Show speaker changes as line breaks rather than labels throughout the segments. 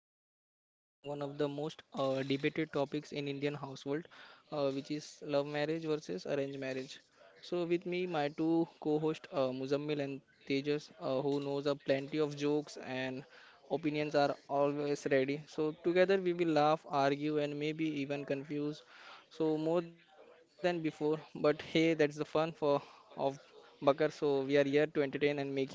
and today we are tackling one of the most debated topics in Indian household, which is love marriage versus arranged marriage. So with me, my two co-hosts Muzammil and Tejas, who knows plenty of jokes and opinions are always ready. So together we will laugh, argue, and maybe even confuse. So more than before, but hey, that's the fun for of Bakar. So we are here to entertain and make you think.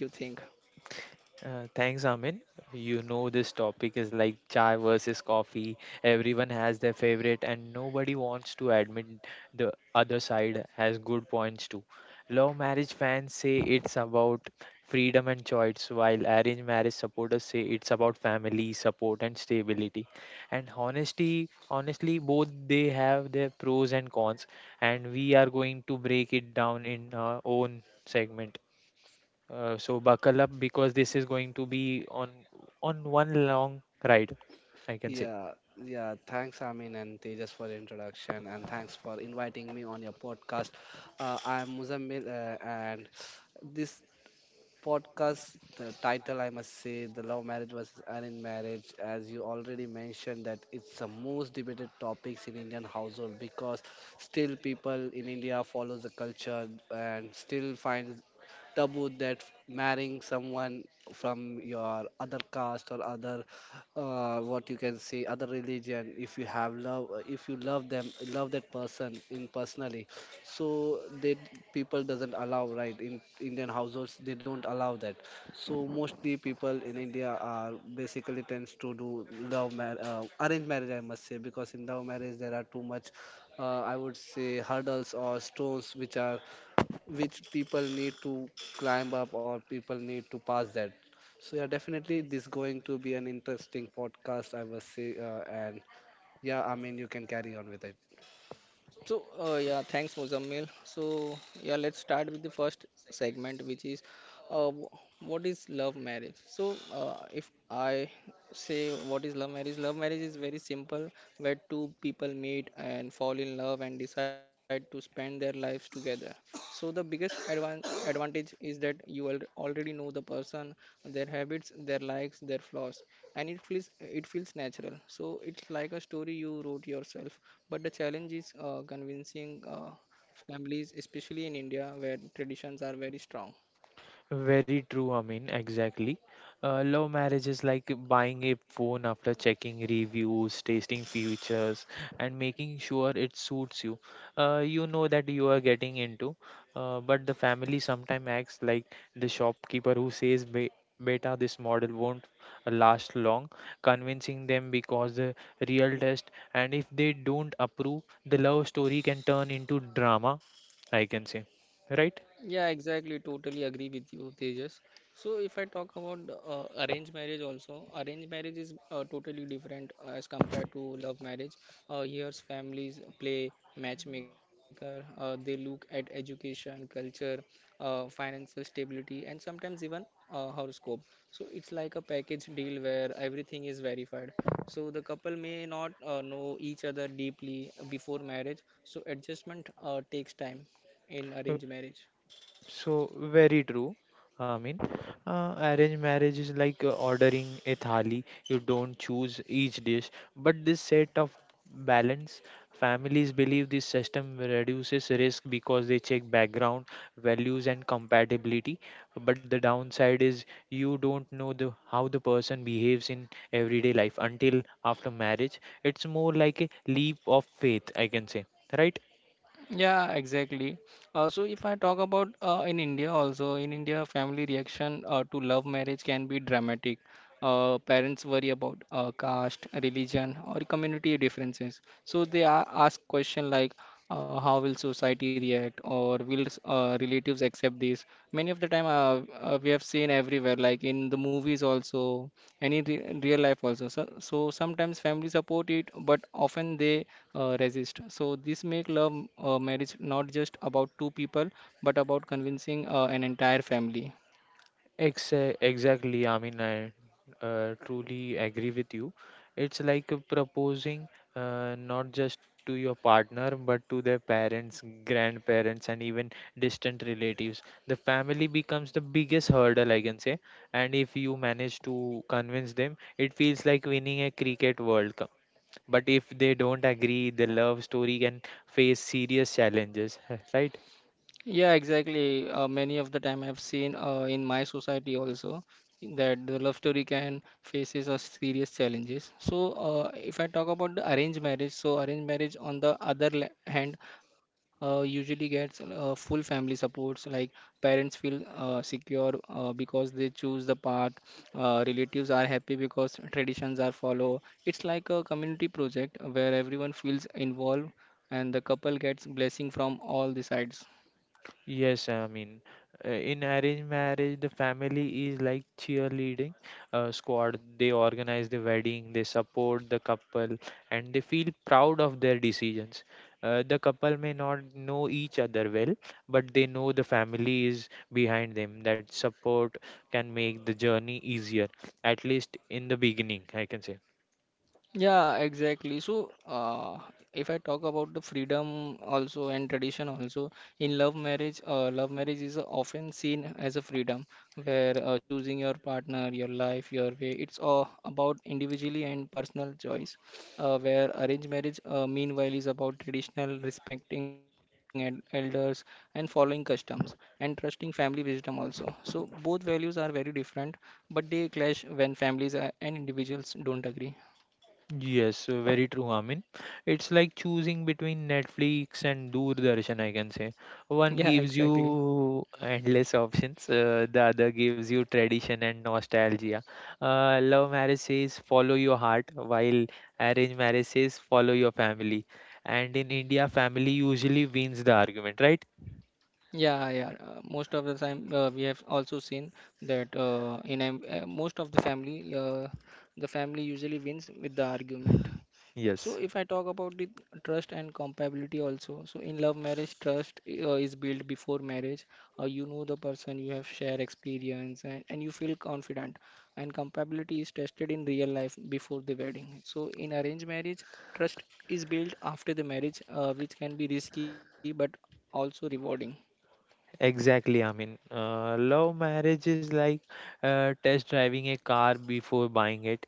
Thanks, Amin. You know, this topic is like chai versus coffee. Everyone has their favorite, and nobody wants to admit the other side has good points too. Love marriage fans say it's about freedom and choice, while arranged marriage supporters say it's about family, support, and stability. And honestly, both they have their pros and cons, and we are going to break it down in our own segment. So buckle up because this is going to be on one long ride, I can say.
Yeah, yeah. Thanks, Amin and Tejas, for the introduction, and thanks for inviting me on your podcast. I'm Muzammil, and this podcast, the title I must say, the love marriage versus arranged marriage, as you already mentioned that it's the most debated topics in Indian household, because still people in India follows the culture and still finds taboo that marrying someone from your other caste or other, what you can say, other religion. If you have love, if you love them, love that person in personally. So they, people doesn't allow, right? In Indian households, they don't allow that. So mostly people in India are basically tends to do arranged marriage, I must say, because in love marriage there are too much, I would say, hurdles or stones, which people need to climb up or people need to pass that. So yeah, definitely this going to be an interesting podcast, I must say. And yeah, I mean, you can carry on with it.
So, yeah, thanks, Muzammil. So, yeah, let's start with the first segment, which is, what is love marriage? So if I say, what is love marriage? Love marriage is very simple, where two people meet and fall in love and decide to spend their lives together. So the biggest advantage is that you already know the person, their habits, their likes, their flaws, and it feels natural. So it's like a story you wrote yourself, but the challenge is convincing families, especially in India where traditions are very strong.
Very true, I mean, exactly. Love marriage is like buying a phone after checking reviews, tasting features, and making sure it suits you. You know that you are getting into, but the family sometimes acts like the shopkeeper who says, Beta, this model won't last long," convincing them because the real test, and if they don't approve, the love story can turn into drama, I can say. Right?
Yeah, exactly. Totally agree with you, Tejas. So, if I talk about arranged marriage, also, arranged marriage is totally different as compared to love marriage. Here, families play matchmaker, they look at education, culture, financial stability, and sometimes even horoscope. So, it's like a package deal where everything is verified. So, the couple may not know each other deeply before marriage, so, adjustment takes time in arranged marriage.
So very true. I mean, arranged marriage is like ordering a thali. You don't choose each dish, but this set of balance. Families believe this system reduces risk because they check background, values, and compatibility. But the downside is you don't know the how the person behaves in everyday life until after marriage. It's more like a leap of faith, I can say, right?
Yeah, exactly. So if I talk about in India also, in India, family reaction to love marriage can be dramatic. Uh, parents worry about caste, religion, or community differences, so they ask question like, how will society react, or will relatives accept this? Many of the time, we have seen everywhere, like in the movies also, any real life also. So, so sometimes families support it, but often they resist. So this make love marriage not just about two people, but about convincing an entire family.
Exactly, I mean, I truly agree with you. It's like proposing not just to your partner, but to their parents, grandparents, and even distant relatives. The family becomes the biggest hurdle, I can say. And if you manage to convince them, it feels like winning a cricket World Cup. But if they don't agree, the love story can face serious challenges, right?
Yeah, exactly. Many of the time I've seen in my society also that the love story can faces a serious challenges. So if I talk about the arranged marriage, so arranged marriage on the other hand usually gets full family supports, like parents feel secure because they choose the path. Relatives are happy because traditions are follow. It's like a community project where everyone feels involved, and the couple gets blessing from all the sides.
Yes, I mean, in arranged marriage, the family is like cheerleading squad. They organize the wedding, they support the couple, and they feel proud of their decisions. The couple may not know each other well, but they know the family is behind them. That support can make the journey easier, at least in the beginning, I can say.
Yeah, exactly. So, if I talk about the freedom also and tradition also, in love marriage is often seen as a freedom, where choosing your partner, your life, your way. It's all about individually and personal choice. Where arranged marriage, meanwhile, is about traditional respecting and elders, and following customs, and trusting family wisdom also. So both values are very different, but they clash when families are, and individuals don't agree.
Yes, very true, Amin. It's like choosing between Netflix and Doordarshan, I can say. One
Yeah,
gives
exactly.
you endless options, the other gives you tradition and nostalgia. Love marriage says follow your heart, while arranged marriage says follow your family. And in India, family usually wins the argument, right?
Yeah, yeah. Most of the time, we have also seen that in most of the family usually wins with the argument. So
Yes,
if I talk about the trust and compatibility also, so in love marriage, trust is built before marriage. You know the person, you have shared experience, and you feel confident. And compatibility is tested in real life before the wedding. So in arranged marriage, trust is built after the marriage, which can be risky, but also rewarding.
exactly. I mean, love marriage is like test driving a car before buying it.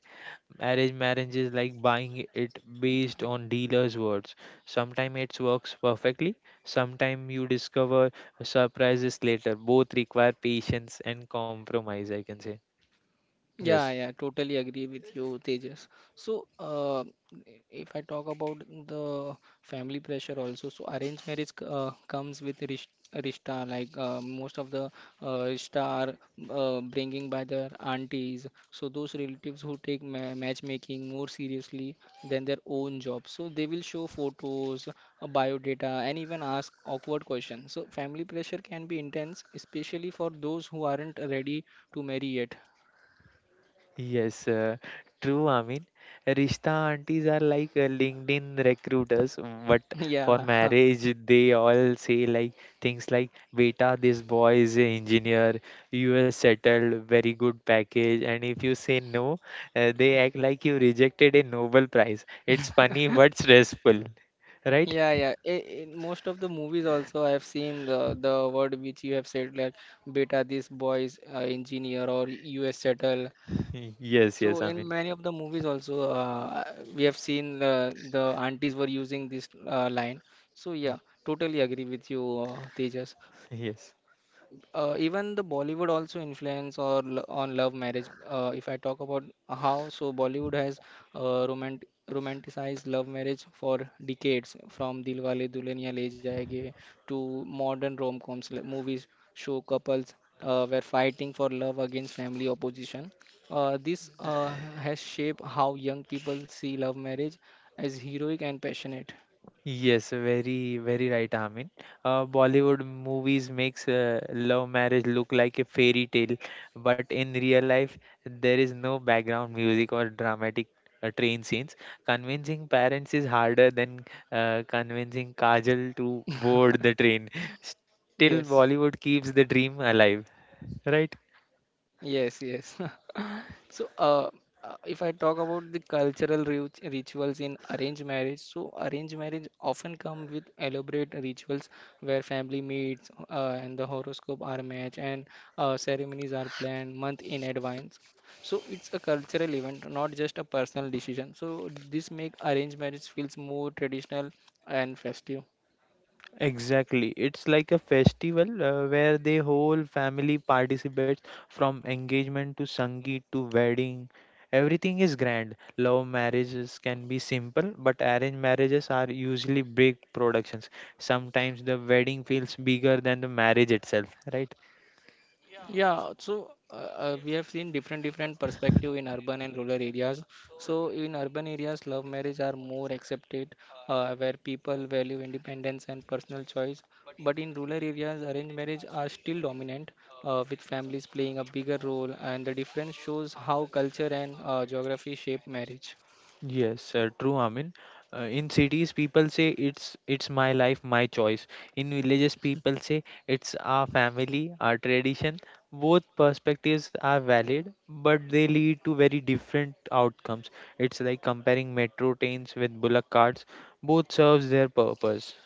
Arranged marriage is like buying it based on dealer's words. Sometimes it works perfectly, sometimes you discover surprises later. Both require patience and compromise, I can say.
Yeah,
Yes.
yeah, totally agree with you, Tejas. So, if I talk about the family pressure also, so arranged marriage comes with rishta, rishta, like most of the rishta are bringing by their aunties. So those relatives who take ma matchmaking more seriously than their own job. So they will show photos, bio data, and even ask awkward questions. So family pressure can be intense, especially for those who aren't ready to marry yet.
Yes, true. I mean, Rishta aunties are like LinkedIn recruiters, but for
Yeah,
marriage, they all say like things like, "Beta, this boy is an engineer, US settled, very good package." And if you say no, they act like you rejected a Nobel Prize. It's funny but stressful, right?
yeah, yeah. I- In most of the movies also, I've seen the word which you have said, like, beta, this boy is engineer or US settle.
Yes, yes.
So
I
in
mean,
many of the movies also, we have seen the aunties were using this line. So yeah, totally agree with you, Tejas.
yes.
Uh, even the Bollywood also influence or on love marriage. If I talk about how, so Bollywood has uh, romant romanticized love marriage for decades, from Dilwale Dulhaniya Le Jayenge to modern rom-coms. Like movies show couples were fighting for love against family opposition. This has shaped how young people see love marriage as heroic and passionate.
Yes, very, very right, Amin. Bollywood movies makes love marriage look like a fairy tale, but in real life, there is no background music or dramatic train scenes. Convincing parents is harder than convincing Kajal to board the train. Still,
Yes,
Bollywood keeps the dream alive, right?
yes, yes. So, if I talk about the cultural rituals in arranged marriage, so arranged marriage often come with elaborate rituals where family meets and the horoscope are matched, and ceremonies are planned month in advance. So it's a cultural event, not just a personal decision. So this make arranged marriage feels more traditional and festive.
Exactly. It's like a festival where the whole family participates from engagement to Sangeet to wedding. Everything is grand. Love marriages can be simple, but arranged marriages are usually big productions. Sometimes the wedding feels bigger than the marriage itself, right?
Yeah, so we have seen different perspective in urban and rural areas. So in urban areas, love marriage are more accepted, where people value independence and personal choice. But in rural areas, arranged marriage are still dominant, with families playing a bigger role, and the difference shows how culture and geography shape marriage.
Yes, true, Amin. In cities, people say it's my life, my choice. In villages, people say it's our family, our tradition. Both perspectives are valid, but they lead to very different outcomes. It's like comparing metro trains with bullock carts. Both serves their purpose.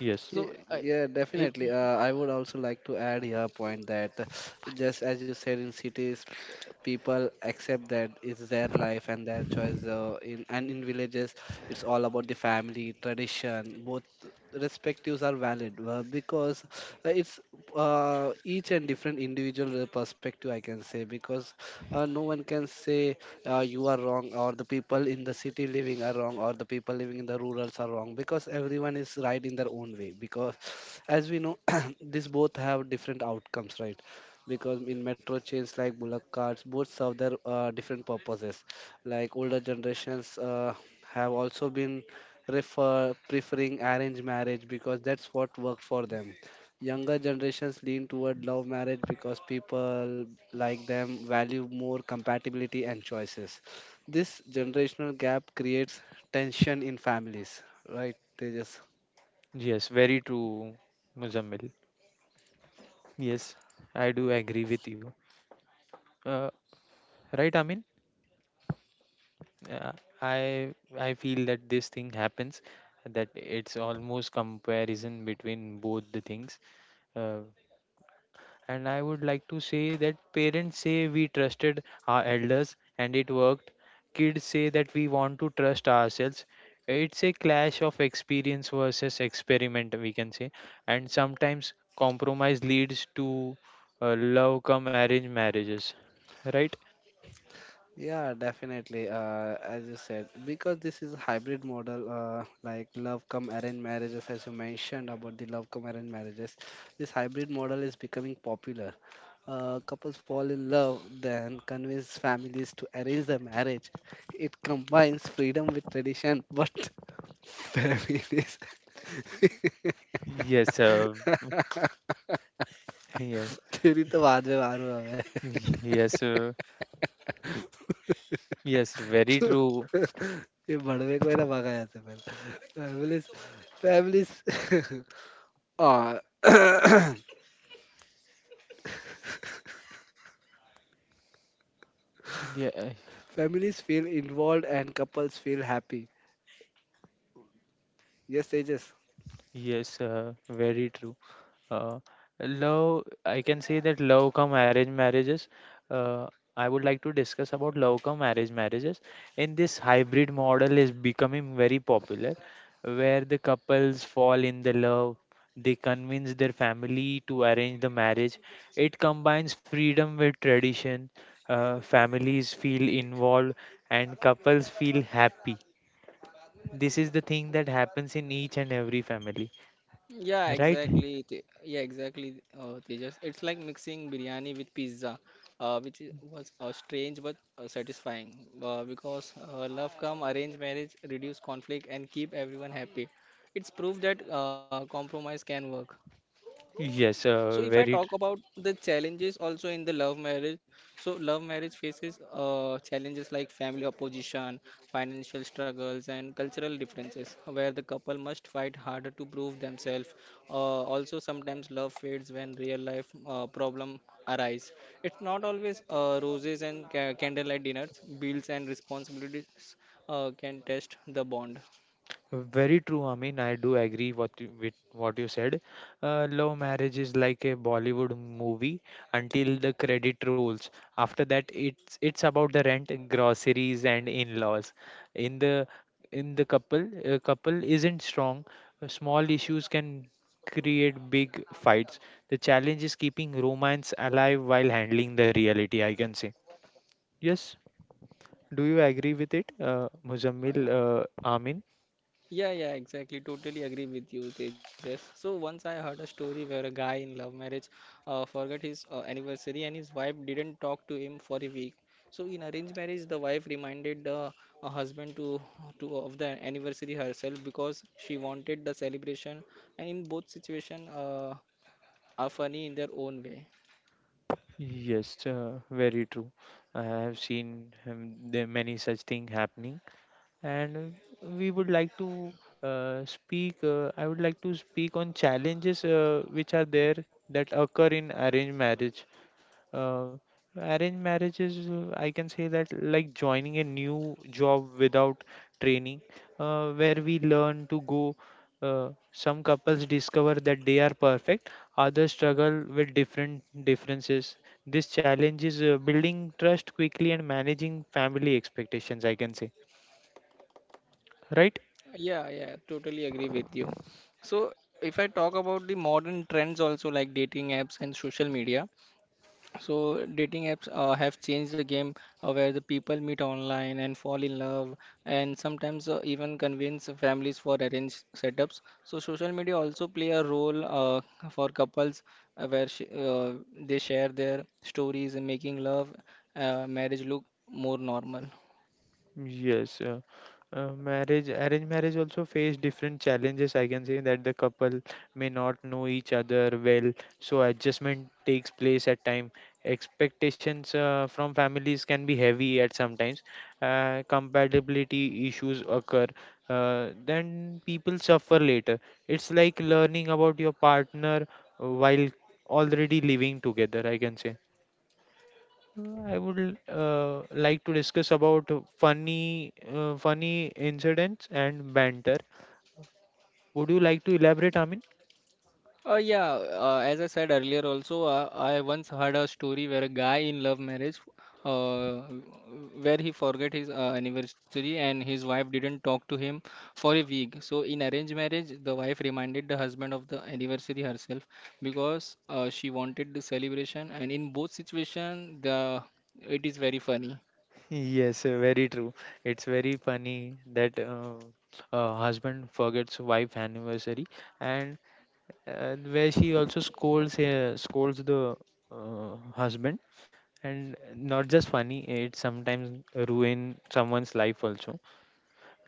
Yes,
So,
Yeah,
if
definitely. I would also like to add here a point that, just as you said, in cities, people accept that it's their life and their choice. In and in villages, it's all about the family tradition. Both respectives are valid, because it's, each and different individual perspective, I can say. Because no one can say you are wrong, or the people in the city living are wrong, or the people living in the rurals are wrong, because everyone is right in their own way. Because as we know, these both have different outcomes, right? Because in metro chains like bullock carts, both serve their different purposes. Like older generations have also been refer preferring arranged marriage, because that's what worked for them. Younger generations lean toward love marriage because people like them value more compatibility and choices. This generational gap creates tension in families, right? They just
yes, very true, Muzammil. Yes, I do agree with you. Uh, right, Amin? Yeah, I feel that this thing happens, that it's almost comparison between both the things. Uh, and I would like to say that parents say we trusted our elders and it worked. Kids say that we want to trust ourselves. It's a clash of experience versus experiment, we can say. And sometimes compromise leads to love come arranged marriages, right?
yeah, definitely. As you said, because this is a hybrid model, like love come arranged marriages, as you mentioned about the love come arranged marriages, this hybrid model is becoming popular. Couples fall in love, then convince families to arrange the marriage. It combines freedom with tradition, but families,
Yes, yeah,
तेरी तो बाद में मारू हमें
yes. Yes, very true.
ये बड़वे को है ना भगा यहाँ से पहले, families families uh,
Yeah,
families feel involved and couples feel happy. Yes, Tejas.
yes, very true. Uh, Love, I can say that love come arranged marriages. Uh, I would like to discuss about love come arranged marriages. In this hybrid model is becoming very popular, where the couples fall in the love. They convince their family to arrange the marriage. It combines freedom with tradition. Families feel involved and couples feel happy. This is the thing that happens in each and every family,
Yeah,
right?
exactly. Yeah, exactly. Tejas, it's like mixing biryani with pizza, which was strange but satisfying. Because love come arranged marriage, reduce conflict, and keep everyone happy. It's proof that compromise can work.
Yes,
So if I talk about the challenges also in the love marriage, so love marriage faces challenges like family opposition, financial struggles, and cultural differences, where the couple must fight harder to prove themselves. Also, sometimes love fades when real life problem arise. It's not always roses and candlelight dinners. Bills and responsibilities can test the bond.
very true. I mean, I do agree what you, with what you said. Love marriage is like a Bollywood movie until the credit rolls. After that, it's about the rent, groceries, and in-laws. In the in the couple, a couple isn't strong. Small issues can create big fights. The challenge is keeping romance alive while handling the reality, I can say. Yes, do you agree with it, Muzammil Amin?
Yeah, yeah, exactly. Totally agree with you, Tejas. So once I heard a story where a guy in love marriage forgot his anniversary, and his wife didn't talk to him for a week. So in arranged marriage, the wife reminded the husband to of the anniversary herself because she wanted the celebration. And in both situation, are funny in their own way.
Yes, very true. I have seen there many such thing happening, and we would like to speak. I would like to speak on challenges which are there that occur in arranged marriage. uh, Arranged marriage is I can say that like joining a new job without training where we learn to go, some couples discover that they are perfect, others struggle with different differences. This challenge is building trust quickly and managing family expectations I can say, right?
Yeah, yeah, totally agree with you. So, if I talk about the modern trends also, like dating apps and social media, so dating apps have changed the game, where the people meet online and fall in love, and sometimes even convince families for arranged setups. So social media also play a role for couples where sh uh, they share their stories and making love marriage look more normal.
Yes, marriage, arranged marriage also face different challenges. I can say that the couple may not know each other well, so adjustment takes place at time. Expectations from families can be heavy at sometimes. Compatibility issues occur. Then people suffer later. It's like learning about your partner while already living together. I can say. I would like to discuss about funny incidents and banter. Would you like to elaborate, Amin?
Yeah, as I said earlier, also, I once heard a story where a guy in love marriage, uh, where he forgot his anniversary and his wife didn't talk to him for a week. So, in arranged marriage, the wife reminded the husband of the anniversary herself because she wanted the celebration. And in both situation, the it is very funny.
Yes, very true. It's very funny that husband forgets wife anniversary, and where she also scolds the husband. And not just funny, it sometimes ruin someone's life also.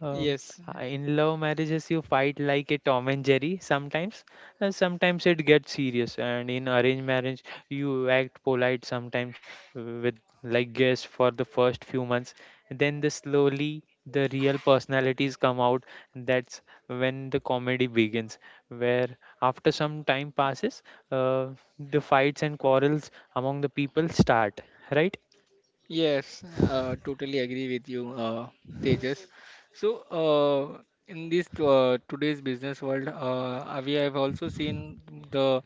Um,
Yes,
in love marriages, you fight like a Tom and Jerry sometimes, and sometimes it gets serious. And in arranged marriage, you act polite sometimes with like guests for the first few months. Then the slowly the real personalities come out. That's when the comedy begins, where after some time passes, uh, the fights and quarrels among the people start, right?
yes, totally agree with you, Tejas. So, in this today's business world, we have also seen the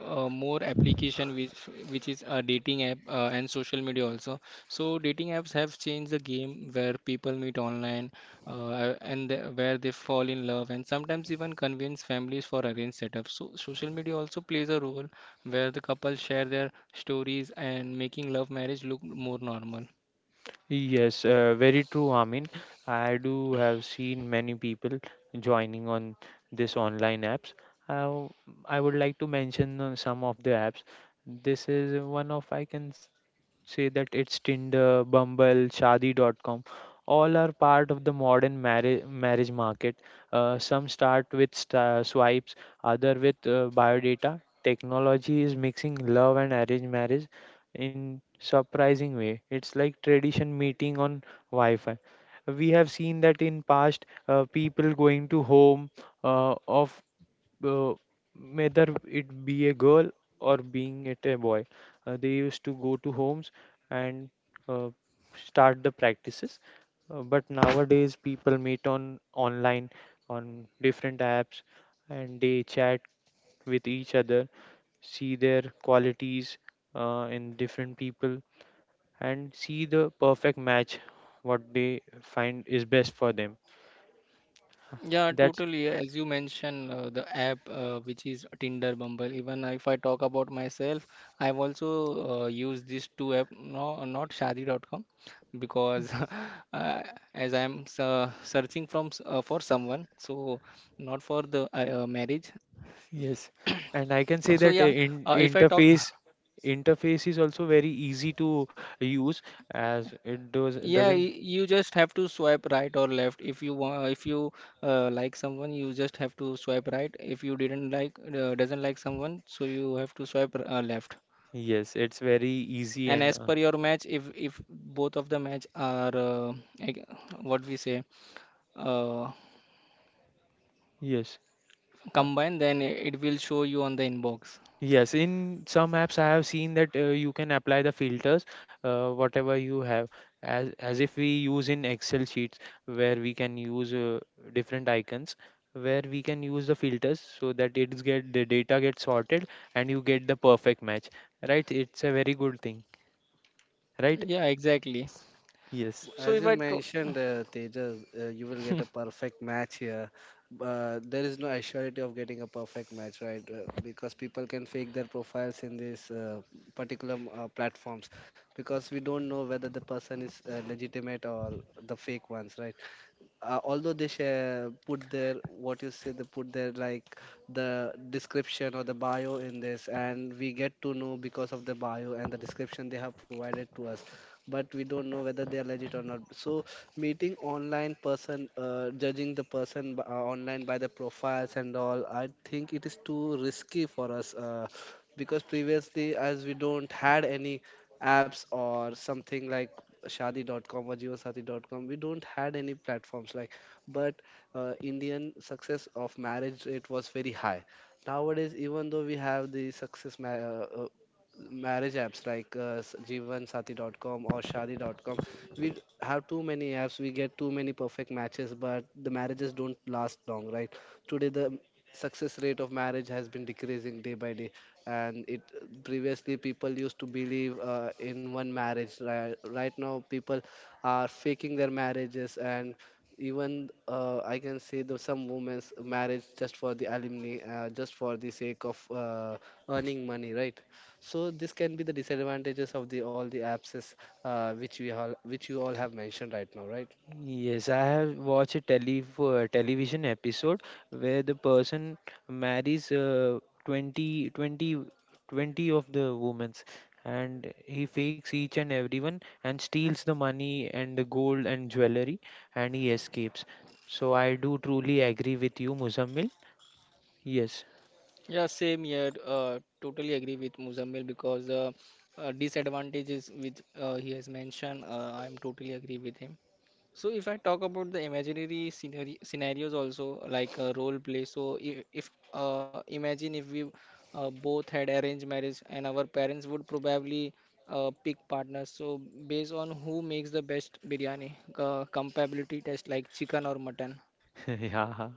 more application which is a dating app and social media also. So, dating apps have changed the game where people meet online where they fall in love, and sometimes even convince families for arranged setup. So, social media also plays a role where the couple share their stories and making love marriage look more normal.
Yes, very true, Amin. I do have seen many people joining on this online apps. I, w- I would like to mention some of the apps. This is one of I can say that it's Tinder, Bumble, Shadi.com. All are part of the modern marriage market. Some start with sta swipes, other with biodata. Technology is mixing love and arranged marriage in surprising way. It's like tradition meeting on Wi-Fi. We have seen that in past, people going to home of uh, whether it be a girl or being it a boy, they used to go to homes and uh, start the practices. But nowadays, people meet on online on different apps and they chat with each other, see their qualities in different people, and see the perfect match what they find is best for them.
Yeah,
That's
totally. As you mentioned, the app which is Tinder, Bumble. Even if I talk about myself, I've also used these two app, no, not Shadi.com, because uh, as I'm for someone, so not for the marriage.
yes, and
So
I can
yeah,
say that uh,
if I
in
talk.
interface interface is also very easy to use as it does
Yeah,
doesn't.
you just have to swipe right or left. If you want, if you like someone, you just have to swipe right. If you didn't like, doesn't like someone, so you have to swipe left.
Yes, it's very easy
And
and
as per your match, if both of the match are like, what we say, uh,
yes. Uh,
combined, then it will show you on the inbox.
yes, in some apps I have seen that you can apply the filters, whatever you have, as if we use in Excel sheets where we can use different icons, where we can use the filters so that it's get the data gets sorted and you get the perfect match. Right? It's a very good thing. Right?
Yeah, exactly.
Yes.
So
As
if
you
I tr
mentioned, Tejas, you will get a perfect match here. There is no assurity of getting a perfect match, right? Because people can fake their profiles in these, particular platforms, because we don't know whether the person is legitimate or the fake ones, right? Although they share put their, what you say, they put their, like, the description or the bio in this, and we get to know because of the bio and the description they have provided to us. But we don't know whether they are legit or not. So meeting online person, judging the person online by the profiles and all, I think it is too risky for us. Because previously, as we don't had any apps or something like shadi.com or jeevasathi.com, we don't had any platforms like, but Indian success of marriage rate was very high. Nowadays, even though we have the success marriage apps like jeevansathi.com or shadi.com, we have too many apps, we get too many perfect matches, but the marriages don't last long, right? Today, the success rate of marriage has been decreasing day by day. And it previously, people used to believe, in one marriage. Right, right now, people are faking their marriages, and even, I can say that some women's marriage just for the alumni, just for the sake of, earning money, right? So this can be the disadvantages of the all the apps, which you all have mentioned right now, right?
Yes, I have watched a television episode where the person marries 20 20 twenty of the women's and he fakes each and everyone and steals the money and the gold and jewelry and he escapes. So I do truly agree with you, Muzammil. Yes.
Yeah, same here. Totally agree with Muzammil because disadvantages which he has mentioned, I'm totally agree with him. So if I talk about the imaginary scenarios also, like role play. So if imagine if we both had arranged marriage and our parents would probably pick partners. So based on who makes the best biryani, compatibility test like chicken or mutton.
Yeah.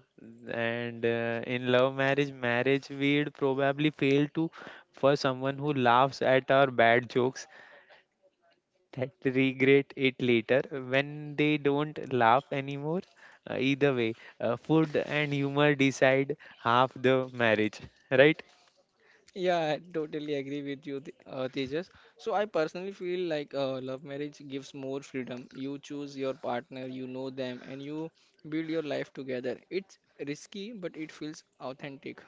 And in love marriage, we'd probably fail to for someone who laughs at our bad jokes that regret it later when they don't laugh anymore. Either way, food and humor decide half the marriage, right?
Yeah, I totally agree with you, Tejas. So I personally feel like love marriage gives more freedom. You choose your partner, you know them, and you build your life together. It's risky, but it feels authentic.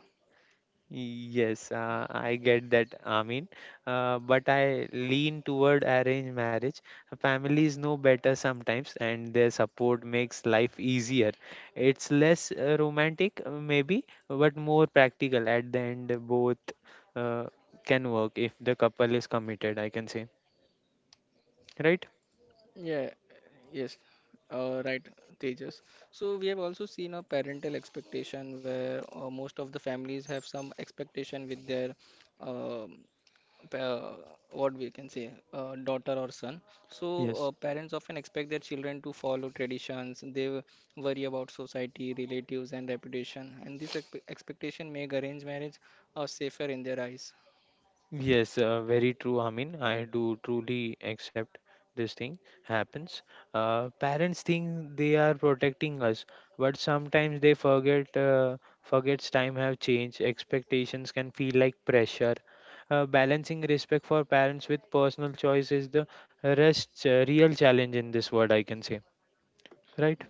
Yes, I get that, Amin. But I lean toward arranged marriage. Families know better sometimes, and their support makes life easier. It's less romantic, maybe, but more practical. At the end, both uh, can work if the couple is committed, I can say, right?
Yeah, yes, right, Tejas. So we have also seen a parental expectation where most of the families have some expectation with their um pa- what we can say, daughter or son. So
Yes,
parents often expect their children to follow traditions. They worry about society, relatives and reputation, and this expectation make arranged marriage safer in their eyes.
yes, very true. I mean, I do truly accept this thing happens. Parents think they are protecting us, but sometimes they forget. Forgets time have changed. Expectations can feel like pressure. Balancing respect for parents with personal choice is the rest real challenge in this world. I can say, right?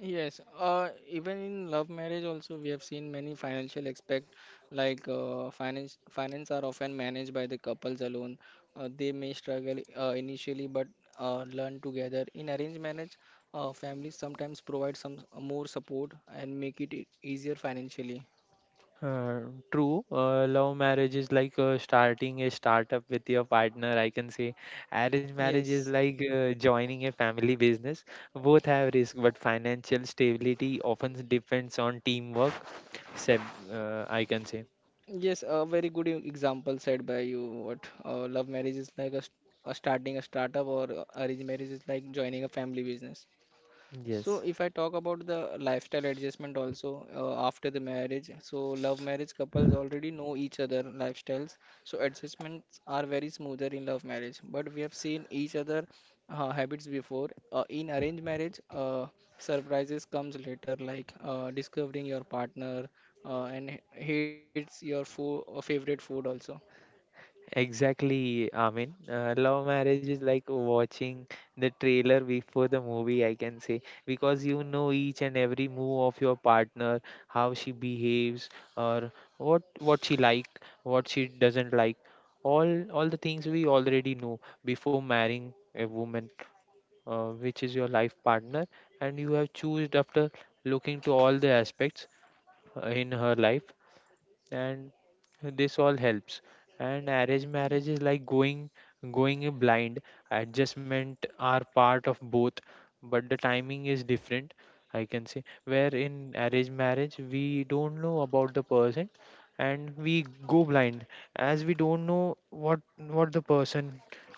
Yes, even in love marriage also we have seen many financial aspect, like finance are often managed by the couples alone. They may struggle initially, but learn together. In arranged marriage, families sometimes provide more support and make it easier financially.
Uh, True. Love marriage is like starting a startup with your partner, I can say. Arrange marriage is
Yes.
like joining a family business. Both have risk, but financial stability often depends on teamwork. Seb, I can say.
Yes, a very good example said by you. What, love marriage is like a starting a startup, or arranged marriage is like joining a family business. So
Yes.
if I talk about the lifestyle adjustment also, after the marriage, so love marriage couples already know each other lifestyles, so adjustments are very smoother in love marriage. But we have seen each other habits before. In arranged marriage, surprises comes later, like discovering your partner and hates your food, favorite food also.
Exactly, I mean, love marriage is like watching the trailer before the movie, I can say, because you know each and every move of your partner, how she behaves, or what she like, what she doesn't like, all the things we already know before marrying a woman, which is your life partner, and you have chosen after looking to all the aspects in her life, and this all helps. And arranged marriage is like going in blind. Adjustment are part of both, but the timing is different, I can say. Where in arranged marriage we don't know about the person and we go blind, as we don't know what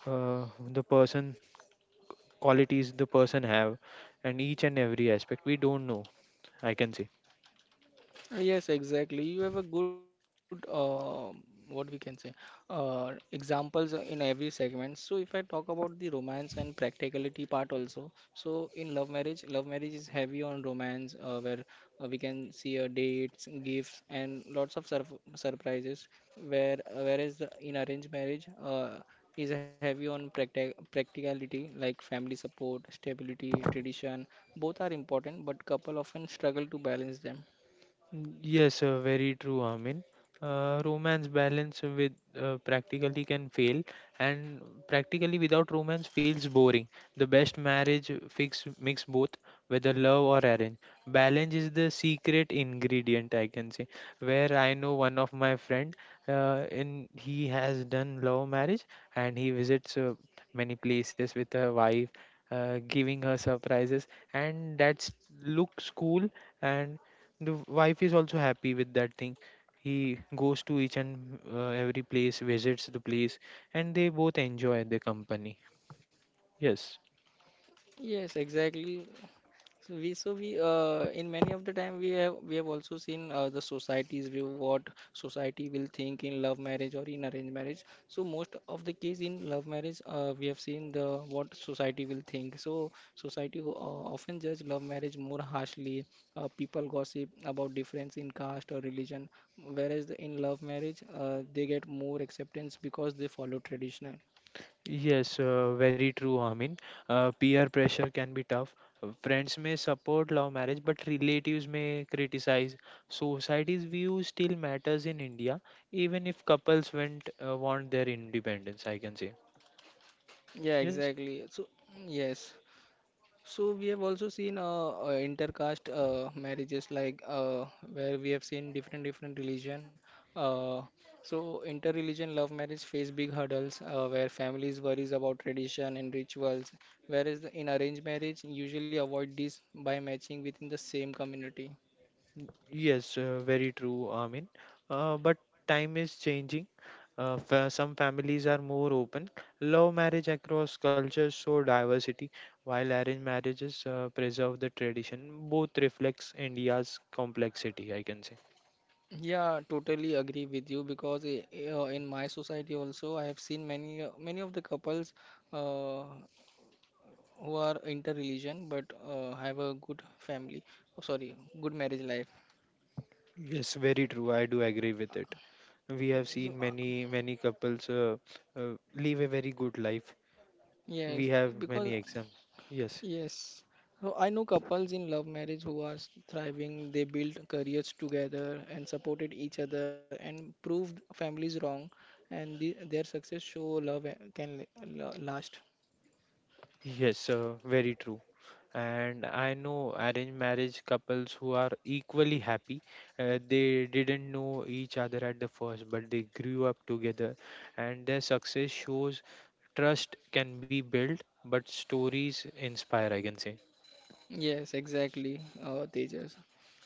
uh, the person qualities the person have, and each and every aspect we don't know, I can say.
Yes, exactly. You have a good, what we can say, examples in every segment. So if I talk about the romance and practicality part also, so in love marriage, is heavy on romance, where we can see dates, gifts, and lots of surf surprises. Whereas the, in arranged marriage, is heavy on practicality, like family support, stability, tradition. Both are important, but couple often struggle to balance them.
Yes, very true, Amin. Romance balance with practically can fail, and practically without romance feels boring. The best marriage fix mix both, whether love or arrange. Balance is the secret ingredient, I can say. Where I know one of my friend, in he has done love marriage, and he visits many places with her wife, giving her surprises, and that's looks cool, and the wife is also happy with that thing. He goes to each and every place, visits the place, and they both enjoy the company. Yes.
Yes, exactly. So we in many of the time we have also seen the society's view, what society will think in love marriage or in arranged marriage. So most of the case in love marriage we have seen the what society will think. So society often judge love marriage more harshly. People gossip about difference in caste or religion, whereas the, in love marriage they get more acceptance because they follow traditional.
Yes, very true, I mean, peer pressure can be tough. Friends may support love marriage but relatives may criticize. Society's view still matters in India, even if couples went want their independence, I can say.
Yeah,
Yes.
exactly. So yes. So we have also seen intercaste marriages, like where we have seen different different religion. Uh, so inter-religion love marriage face big hurdles, where families worries about tradition and rituals, whereas the- in arranged marriage usually avoid this by matching within the same community.
Yes, very true, Amin. But time is changing. Some families are more open. Love marriage across cultures show diversity, while arranged marriages preserve the tradition. Both reflects India's complexity, I can say.
Yeah, totally agree with you, because in my society also I have seen many many of the couples. Uh, who are inter-religion, but have a good family, oh, sorry, good marriage life.
Yes, very true. I do agree with it. We have
So
seen many, many couples live a very good life. We
yes,
have many
because
examples. Yes.
yes, so I know couples in love marriage who are thriving. They build careers together and supported each other and proved families wrong, and the, their success show love can last.
Yes, very true. And I know arranged marriage couples who are equally happy. They didn't know each other at the first, but they grew up together, and their success shows trust can be built, but stories inspire, I can say.
Yes, exactly, Tejas.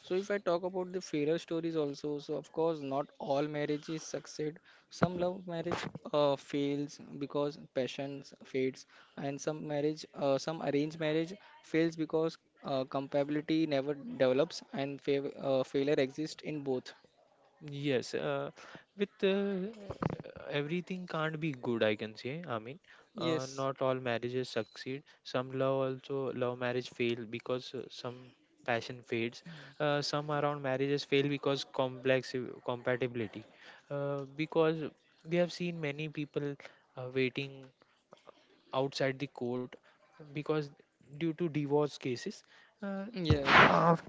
So if I talk about the failure stories also, so of course not all marriages succeed. Some love marriage fails because passion fades, and some marriage, some arranged marriage fails because compatibility never develops, and fav failure exists in both.
Yes, with everything can't be good, I can say. I mean,
Yes,
not all marriages succeed. Some love also love marriage fail because some passion fades. Some around marriages fail because complex compatibility. Because we have seen many people waiting outside the court because due to divorce cases. Uh, th-
yes,
af-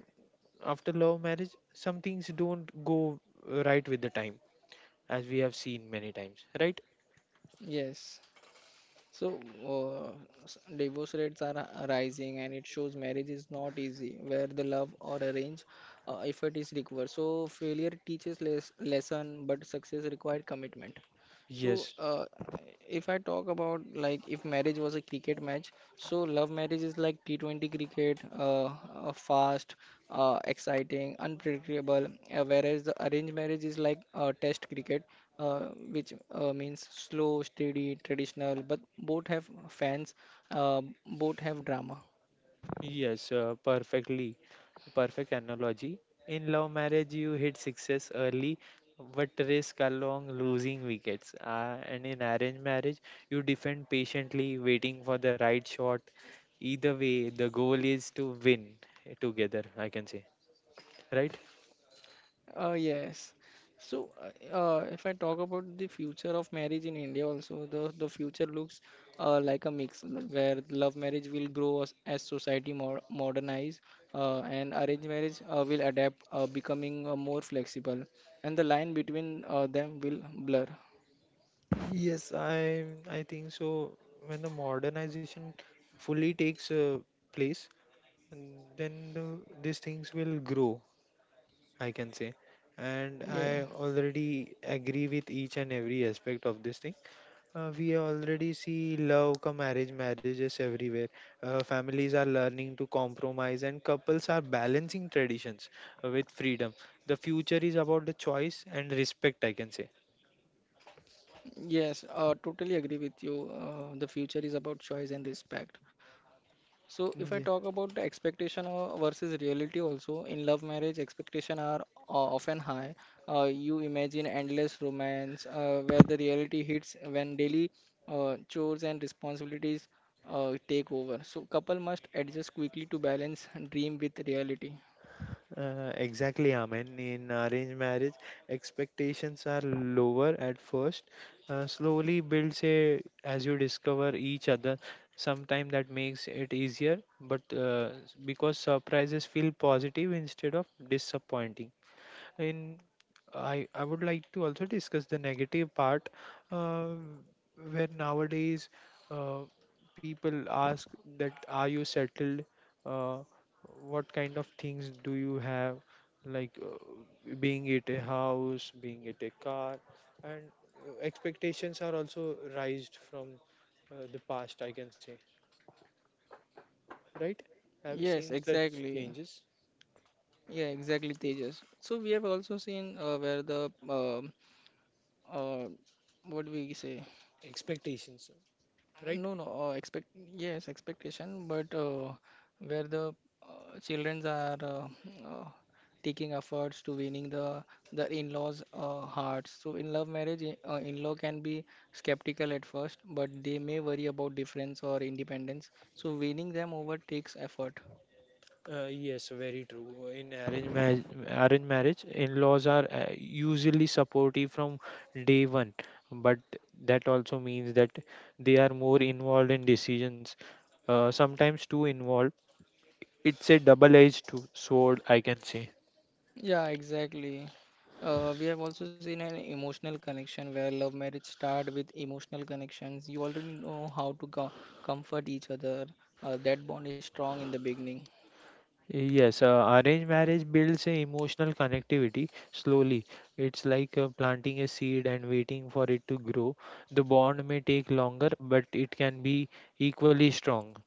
After love marriage, some things don't go right with the time, as we have seen many times, right?
yes. So, uh, divorce rates are rising, and it shows marriage is not easy, where the love or arrange effort is required. So, failure teaches less lesson, but success required commitment. So,
Yes,
if I talk about, like if marriage was a cricket match, so love marriage is like T20 cricket, fast, exciting, unpredictable, whereas the arranged marriage is like test cricket, which means slow, steady, traditional, but both have fans, uh, both have drama.
yes, perfectly. Perfect analogy. In love marriage, you hit success early but risk along losing wickets. And in arranged marriage, you defend patiently, waiting for the right shot. Either way, the goal is to win together, I can say, right?
Yes. So, if I talk about the future of marriage in India, also the future looks like a mix, where love marriage will grow as society more modernize, and arranged marriage will adapt, becoming more flexible, and the line between them will blur.
Yes, I think so. When the modernization fully takes place, and these things will grow, I can say. And
Yeah.
I already agree with each and every aspect of this thing. We already see love, come marriage, marriages everywhere. Families are learning to compromise, and couples are balancing traditions with freedom. The future is about the choice and respect, I can say.
Yes, totally agree with you. The future is about choice and respect. So, if I
Yeah.
talk about the expectation versus reality, also in love marriage, expectation are often high. You imagine endless romance, where the reality hits when daily chores and responsibilities take over. So, couple must adjust quickly to balance dream with reality.
Exactly, Amen. In arranged marriage, expectations are lower at first. Slowly builds a as you discover each other. Sometimes that makes it easier, but because surprises feel positive instead of disappointing. In, I would like to also discuss the negative part, uh, where nowadays uh, people ask that are you settled, uh, what kind of things do you have, like being it a house, being it a car, and expectations are also raised from the past, I can say, right? Have you
Yes,
seen such
exactly.
changes?
Yeah, exactly, Tejas. So we have also seen where the uh what we say,
Expectations, right?
no no expect yes expectation, but where the childrens are uh, taking efforts to winning the in-laws hearts. So in love marriage, in-law can be skeptical at first, but they may worry about difference or independence, so winning them over takes effort.
Yes, very true. In arranged marriage, in-laws are usually supportive from day one, but that also means that they are more involved in decisions, sometimes too involved. It's a sword, I can say.
Yeah, exactly. We have also seen an emotional connection, where love marriage start with emotional connections. You already know how to co comfort each other. That bond is strong in the beginning.
Yes, arranged marriage builds a emotional connectivity slowly. It's like planting a seed and waiting for it to grow. The bond may take longer, but it can be equally strong.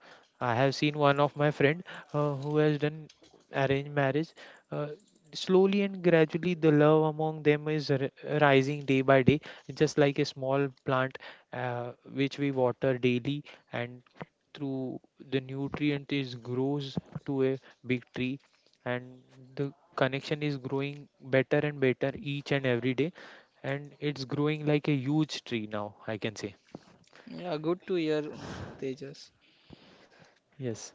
I have seen one of my friend who has done arranged marriage. Uh, Slowly and gradually, the love among them is rising day by day, just like a small plant which we water daily, and through the nutrient is grows to a big tree, and the connection is growing better and better each and every day, and it's growing like a huge tree now, I can say.
Yeah, good to hear, Tejas.
Yes.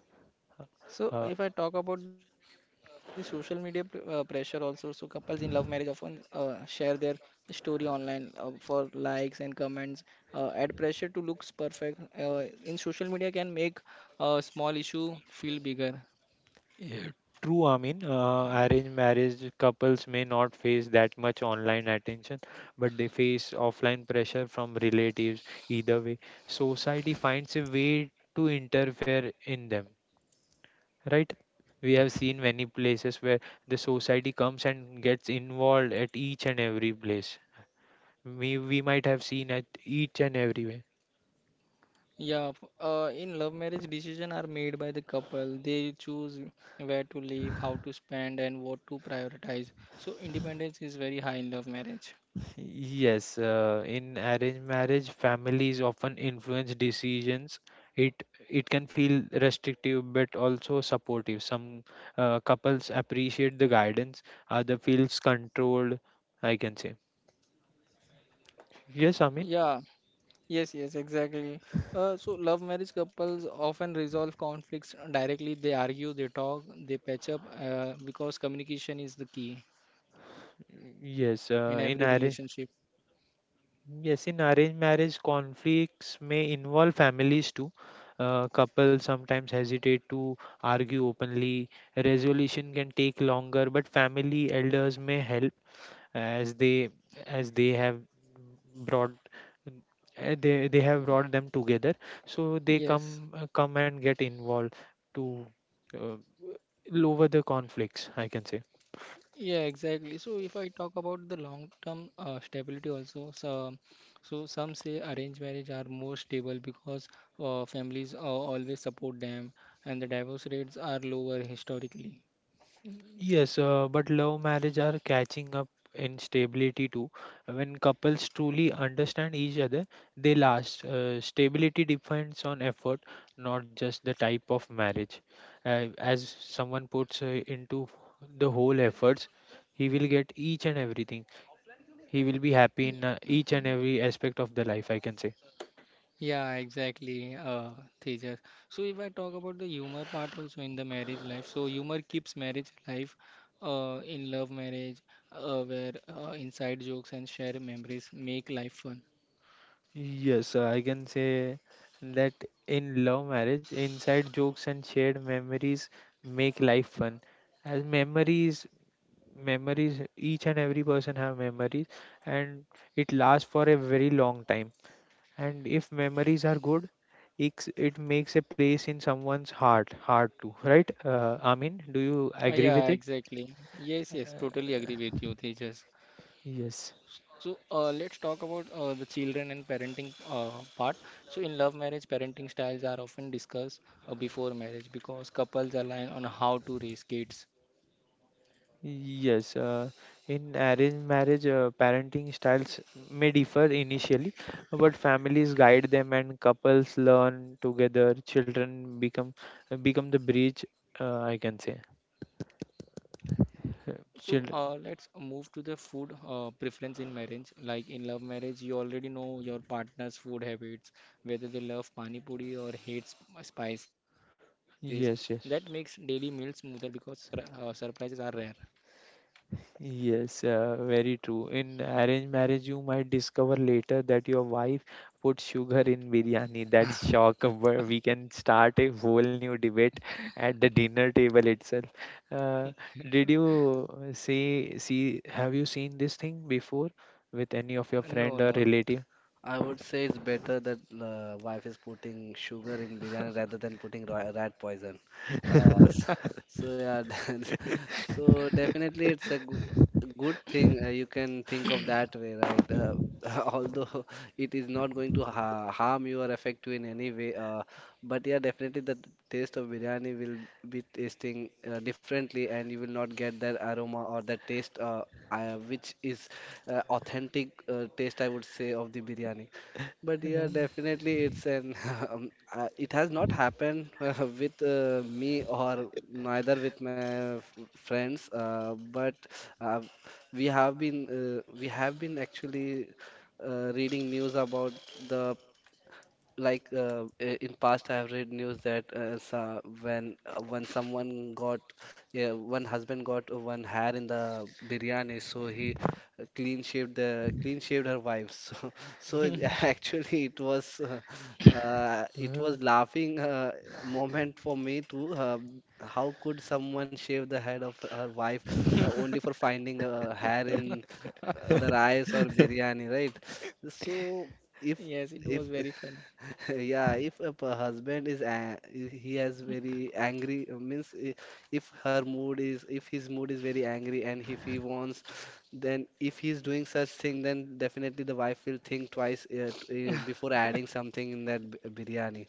So,
uh,
if I talk about the social media pr pressure also, so couples in love marriage often share their story online for likes and comments. Add pressure to looks perfect in social media can make a small issue feel bigger.
yeah, true, I mean, arranged marriage couples may not face that much online attention, but they face offline pressure from relatives. Either way, society finds a way to interfere in them, right? We have seen many places where the society comes and gets involved at each and every place. We might have seen at each and everywhere.
Yeah, in love marriage, decisions are made by the couple. They choose where to live, how to spend, and what to prioritize. So independence is very high in love marriage.
Yes, in arranged marriage, families often influence decisions. It it can feel restrictive but also supportive. Some couples appreciate the guidance, other feels controlled, I can say. Yes, I mean,
Yeah, yes, yes, exactly. So love marriage couples often resolve conflicts directly. They argue, they talk, they patch up, because communication is the key
yes,
in
in
every
arranged
relationship.
Yes, in arranged marriage, conflicts may involve families too. Couples sometimes hesitate to argue openly. Resolution can take longer, but family elders may help, as they as brought they have brought them together. So they
Yes.
come come and get involved to uh, lower the conflicts, I can say.
Yeah, exactly. So if I talk about the long-term stability also, so some say arranged marriage are more stable because families always support them, and the divorce rates are lower historically.
Yes, but love marriage are catching up in stability too. When couples truly understand each other, they last. Stability depends on effort, not just the type of marriage. As someone puts into the whole efforts, he will get each and everything. He will be happy in each and every aspect of the life, I can say.
Yeah, exactly, Tejas. So if I talk about the humor part also in the marriage life, so humor keeps marriage alive in love marriage, where inside jokes and shared memories make life fun.
Yes, I can say that in love marriage, inside jokes and shared memories make life fun. As memories, memories, each and every person have memories, and it lasts for a very long time. And if memories are good, it makes a place in someone's heart, heart too, right? Amin, do you agree with
Yeah,
it?
exactly. Yes, yes, totally agree with you, Tejas.
Yes.
So let's talk about the children and parenting part. So in love marriage, parenting styles are often discussed before marriage, because couples align on how to raise kids.
Yes, in arranged marriage, parenting styles may differ initially, but families guide them and couples learn together. Children become become the bridge, I can say.
So
Children,
let's move to the food preference in marriage. Like in love marriage, you already know your partner's food habits, whether they love pani puri or hate spices. That makes
yes,
daily
yes.
meals smoother because surprises are rare.
Yes, very true. In arranged marriage, you might discover later that your wife put sugar in biryani. That shock, of where we can start a whole new debate at the dinner table itself. Uh, did you see, have you seen this thing before with any of your
No,
friend or
no.
relative?
I would say it's better that, wife is putting sugar in biryani rather than putting rat poison. Uh, so, so yeah, so definitely it's a good thing. You can think of that way, right? Although it is not going to ha harm you or affect you in any way, but yeah, definitely that taste of biryani will be tasting, differently, and you will not get that aroma or that taste, which is authentic taste, I would say, of the biryani. But yeah,
Yeah.
definitely it's an it has not happened with, me or neither with my friends. But uh, we have been we have been actually, reading news about the, like, in past I have read news that, so when someone got, yeah, one husband got one hair in the biryani, so he, clean shaved her wife. So so actually it was, it
Uh,
was laughing, moment for me too. How could someone shave the head of her wife, only for finding a hair in, the rice or biryani, right? So if
Yes, it was
if
very funny.
yeah, if a husband is, he has very angry, means, if his mood is very angry, and if he wants, then if he's doing such thing, then definitely the wife will think twice, before adding something in that biryani.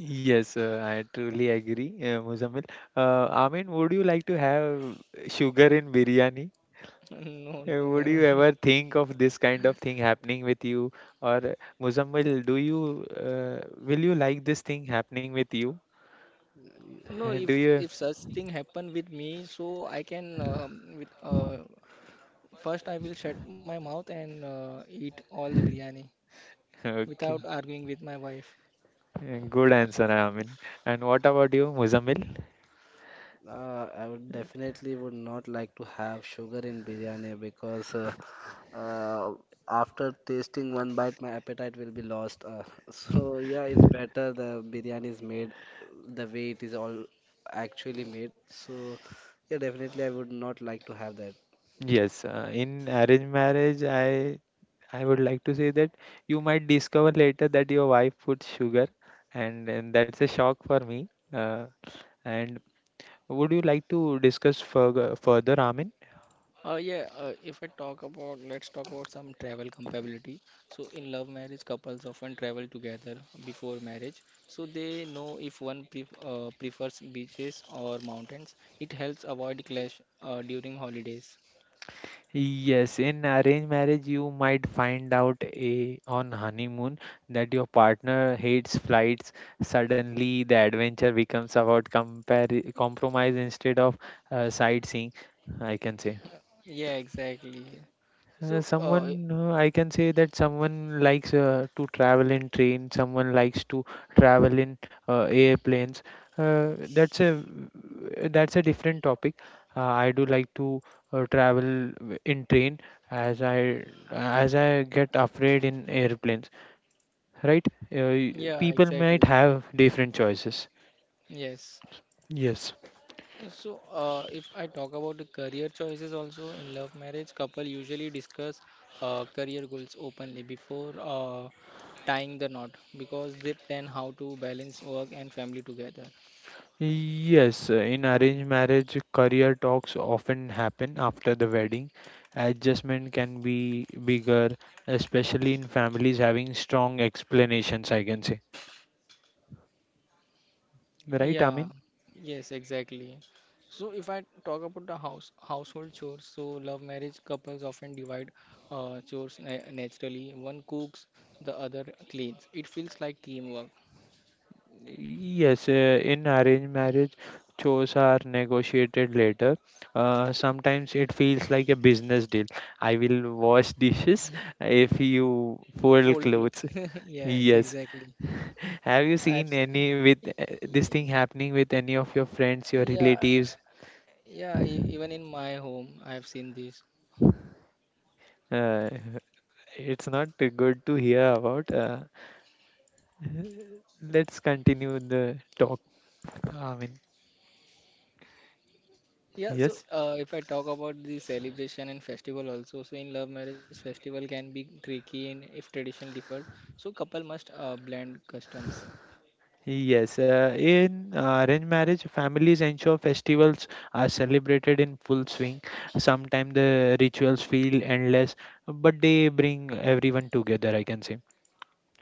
Yes, I truly agree, Muzammil. Amin, would you like to have sugar in biryani?
No, no,
Would you
never.
ever think of this kind of thing happening with you? Or Muzammil, do you will you like this thing happening with you?
No,
Do you?
if such thing happen with me, so I can with first I will shut my mouth and eat all the biryani
Okay.
without arguing with my wife.
Good answer, Amin. And what about you, Muzammil?
I would definitely would not like to have sugar in biryani because, uh, after tasting one bite, my appetite will be lost. So yeah, it's better the biryani is made the way it is all actually made. So yeah, definitely I would not like to have that.
Yes, in arranged marriage, I would like to say that you might discover later that your wife puts sugar, and that's a shock for me. And would you like to discuss further, Amin?
Yeah, if I talk about, let's talk about some travel compatibility. So in love marriage, couples often travel together before marriage, so they know if one prefers beaches or mountains. It helps avoid clash during holidays.
Yes, in arranged marriage, you might find out a, on honeymoon that your partner hates flights. Suddenly, the adventure becomes about compromise instead of sightseeing, I can say.
Yeah, exactly. So,
Someone, I can say that someone likes to travel in train, someone likes to travel in airplanes. Uh, that's a that's a different topic. I do like to in train, as I get afraid in airplanes, right? Uh, y-
yeah,
People might
exactly.
have different choices.
Yes.
Yes.
So, if I talk about the career choices also in love marriage, couple usually discuss career goals openly before tying the knot, because they plan how to balance work and family together.
Yes, in arranged marriage, career talks often happen after the wedding. Adjustment can be bigger, especially in families having strong explanations, I can say. Right,
Yeah,
Amin?
yes, exactly. So if I talk about the house household chores, so love marriage couples often divide chores na naturally. One cooks, the other cleans. It feels like teamwork.
Yes, in arranged marriage, chores are negotiated later. Sometimes it feels like a business deal. I will wash dishes if you fold
Fold clothes.
clothes.
Yes,
Yes.
exactly.
Have you seen
Abs
any with this thing
Y-
happening with any of your friends, your
Yeah,
relatives?
yeah, even in my home, I've seen this.
Uh, it's not good to hear about. Let's continue the talk. I mean,
Yeah, so
yes.
if I talk about the celebration and festival also, so in love marriage festival can be tricky, and if tradition differs, so couple must blend customs.
Yes, in arranged marriage, families ensure festivals are celebrated in full swing. Sometimes the rituals feel endless, but they bring everyone together, I can say.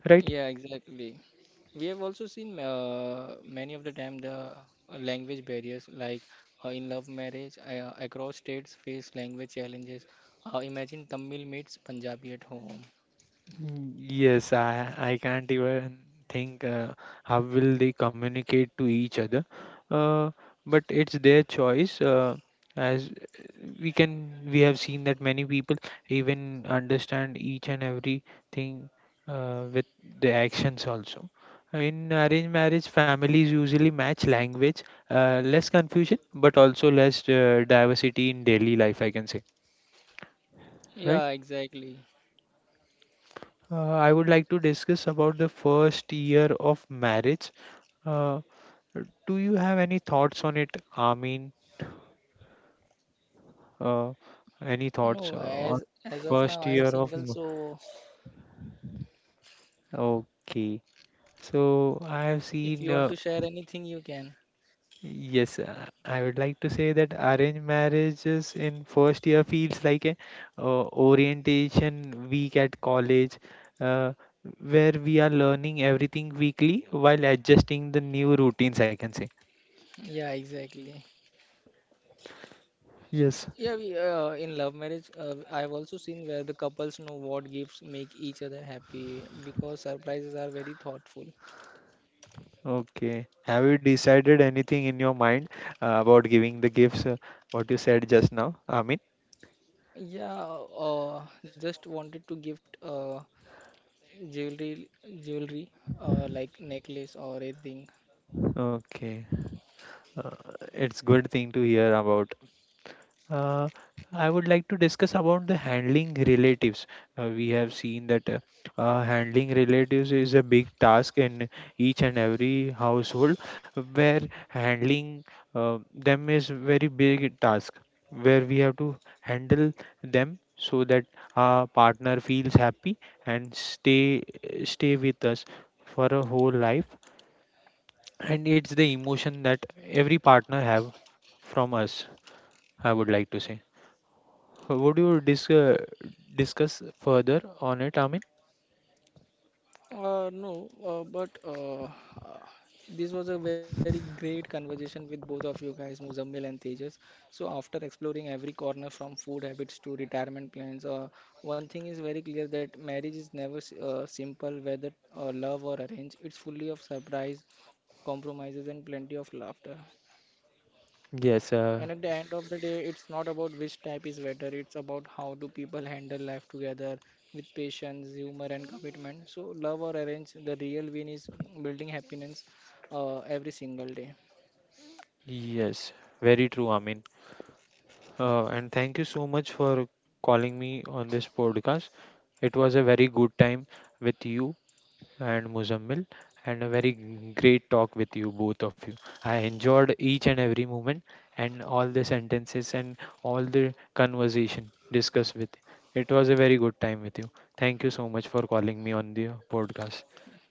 Right?
Yeah, exactly. We have also seen many of the time the language barriers, like in love marriage across states face language challenges. Imagine Tamil meets Punjabi at home.
Mm, yes, I can't even think how will they communicate to each other. Uh, but it's their choice. As We can, we have seen that many people even understand each and everything with the actions also. In arranged marriage, families usually match language, less confusion, but also less diversity in daily life, I can say, right?
Yeah, exactly.
I would like to discuss about the first year of marriage. Uh, do you have any thoughts on it, Amin? Uh, any thoughts
No,
On
as of
first
now, I am
year of?
single, so
Okay, so I have
if you
seen.
want to share anything, you can.
Yes, I would like to say that arranged marriages in first year feels like a orientation week at college, uh, where we are learning everything weekly while adjusting the new routines. I can say.
Yeah, exactly.
Yes.
Yeah, we, in love marriage, I've also seen where the couples know what gifts make each other happy, because surprises are very thoughtful.
Okay. Have you decided anything in your mind about giving the gifts? What you said just now, Amin?
Yeah, just wanted to gift jewelry, jewelry, like necklace or a ring.
Okay. Uh, it's good thing to hear about. Uh, I would like to discuss about the handling relatives. We have seen that handling relatives is a big task in each and every household, where handling them is very big task, where we have to handle them so that our partner feels happy and stay with us for a whole life. And it's the emotion that every partner have from us, I would like to say. Would you discuss further on it, Amin?
No, but this was a very great conversation with both of you guys, Muzammil and Tejas. So, after exploring every corner from food habits to retirement plans, one thing is very clear, that marriage is never simple, whether love or arrange. It's fully of surprise, compromises, and plenty of laughter.
Yes,
And at the end of the day, it's not about which type is better, it's about how do people handle life together with patience, humor, and commitment. So, love or arrange, the real win is building happiness every single day.
yes, very true, Amin. And thank you so much for calling me on this podcast. It was a very good time with you and Muzammil, and a very great talk with you, both of you. I enjoyed each and every moment and all the sentences and all the conversation discussed with. It was a very good time with you. Thank you so much for calling me on the podcast.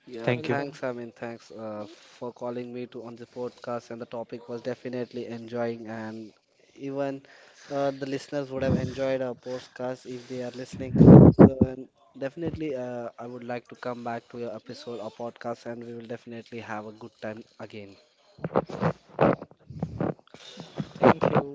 Yeah,
Thank you.
thanks. I
Welcome.
mean, thanks for calling me to on this podcast. And the topic was definitely enjoying, and even the listeners would have enjoyed our podcast if they are listening. So, and definitely, I would like to come back to your episode or podcast, and we will definitely have a good time again.
Thank you.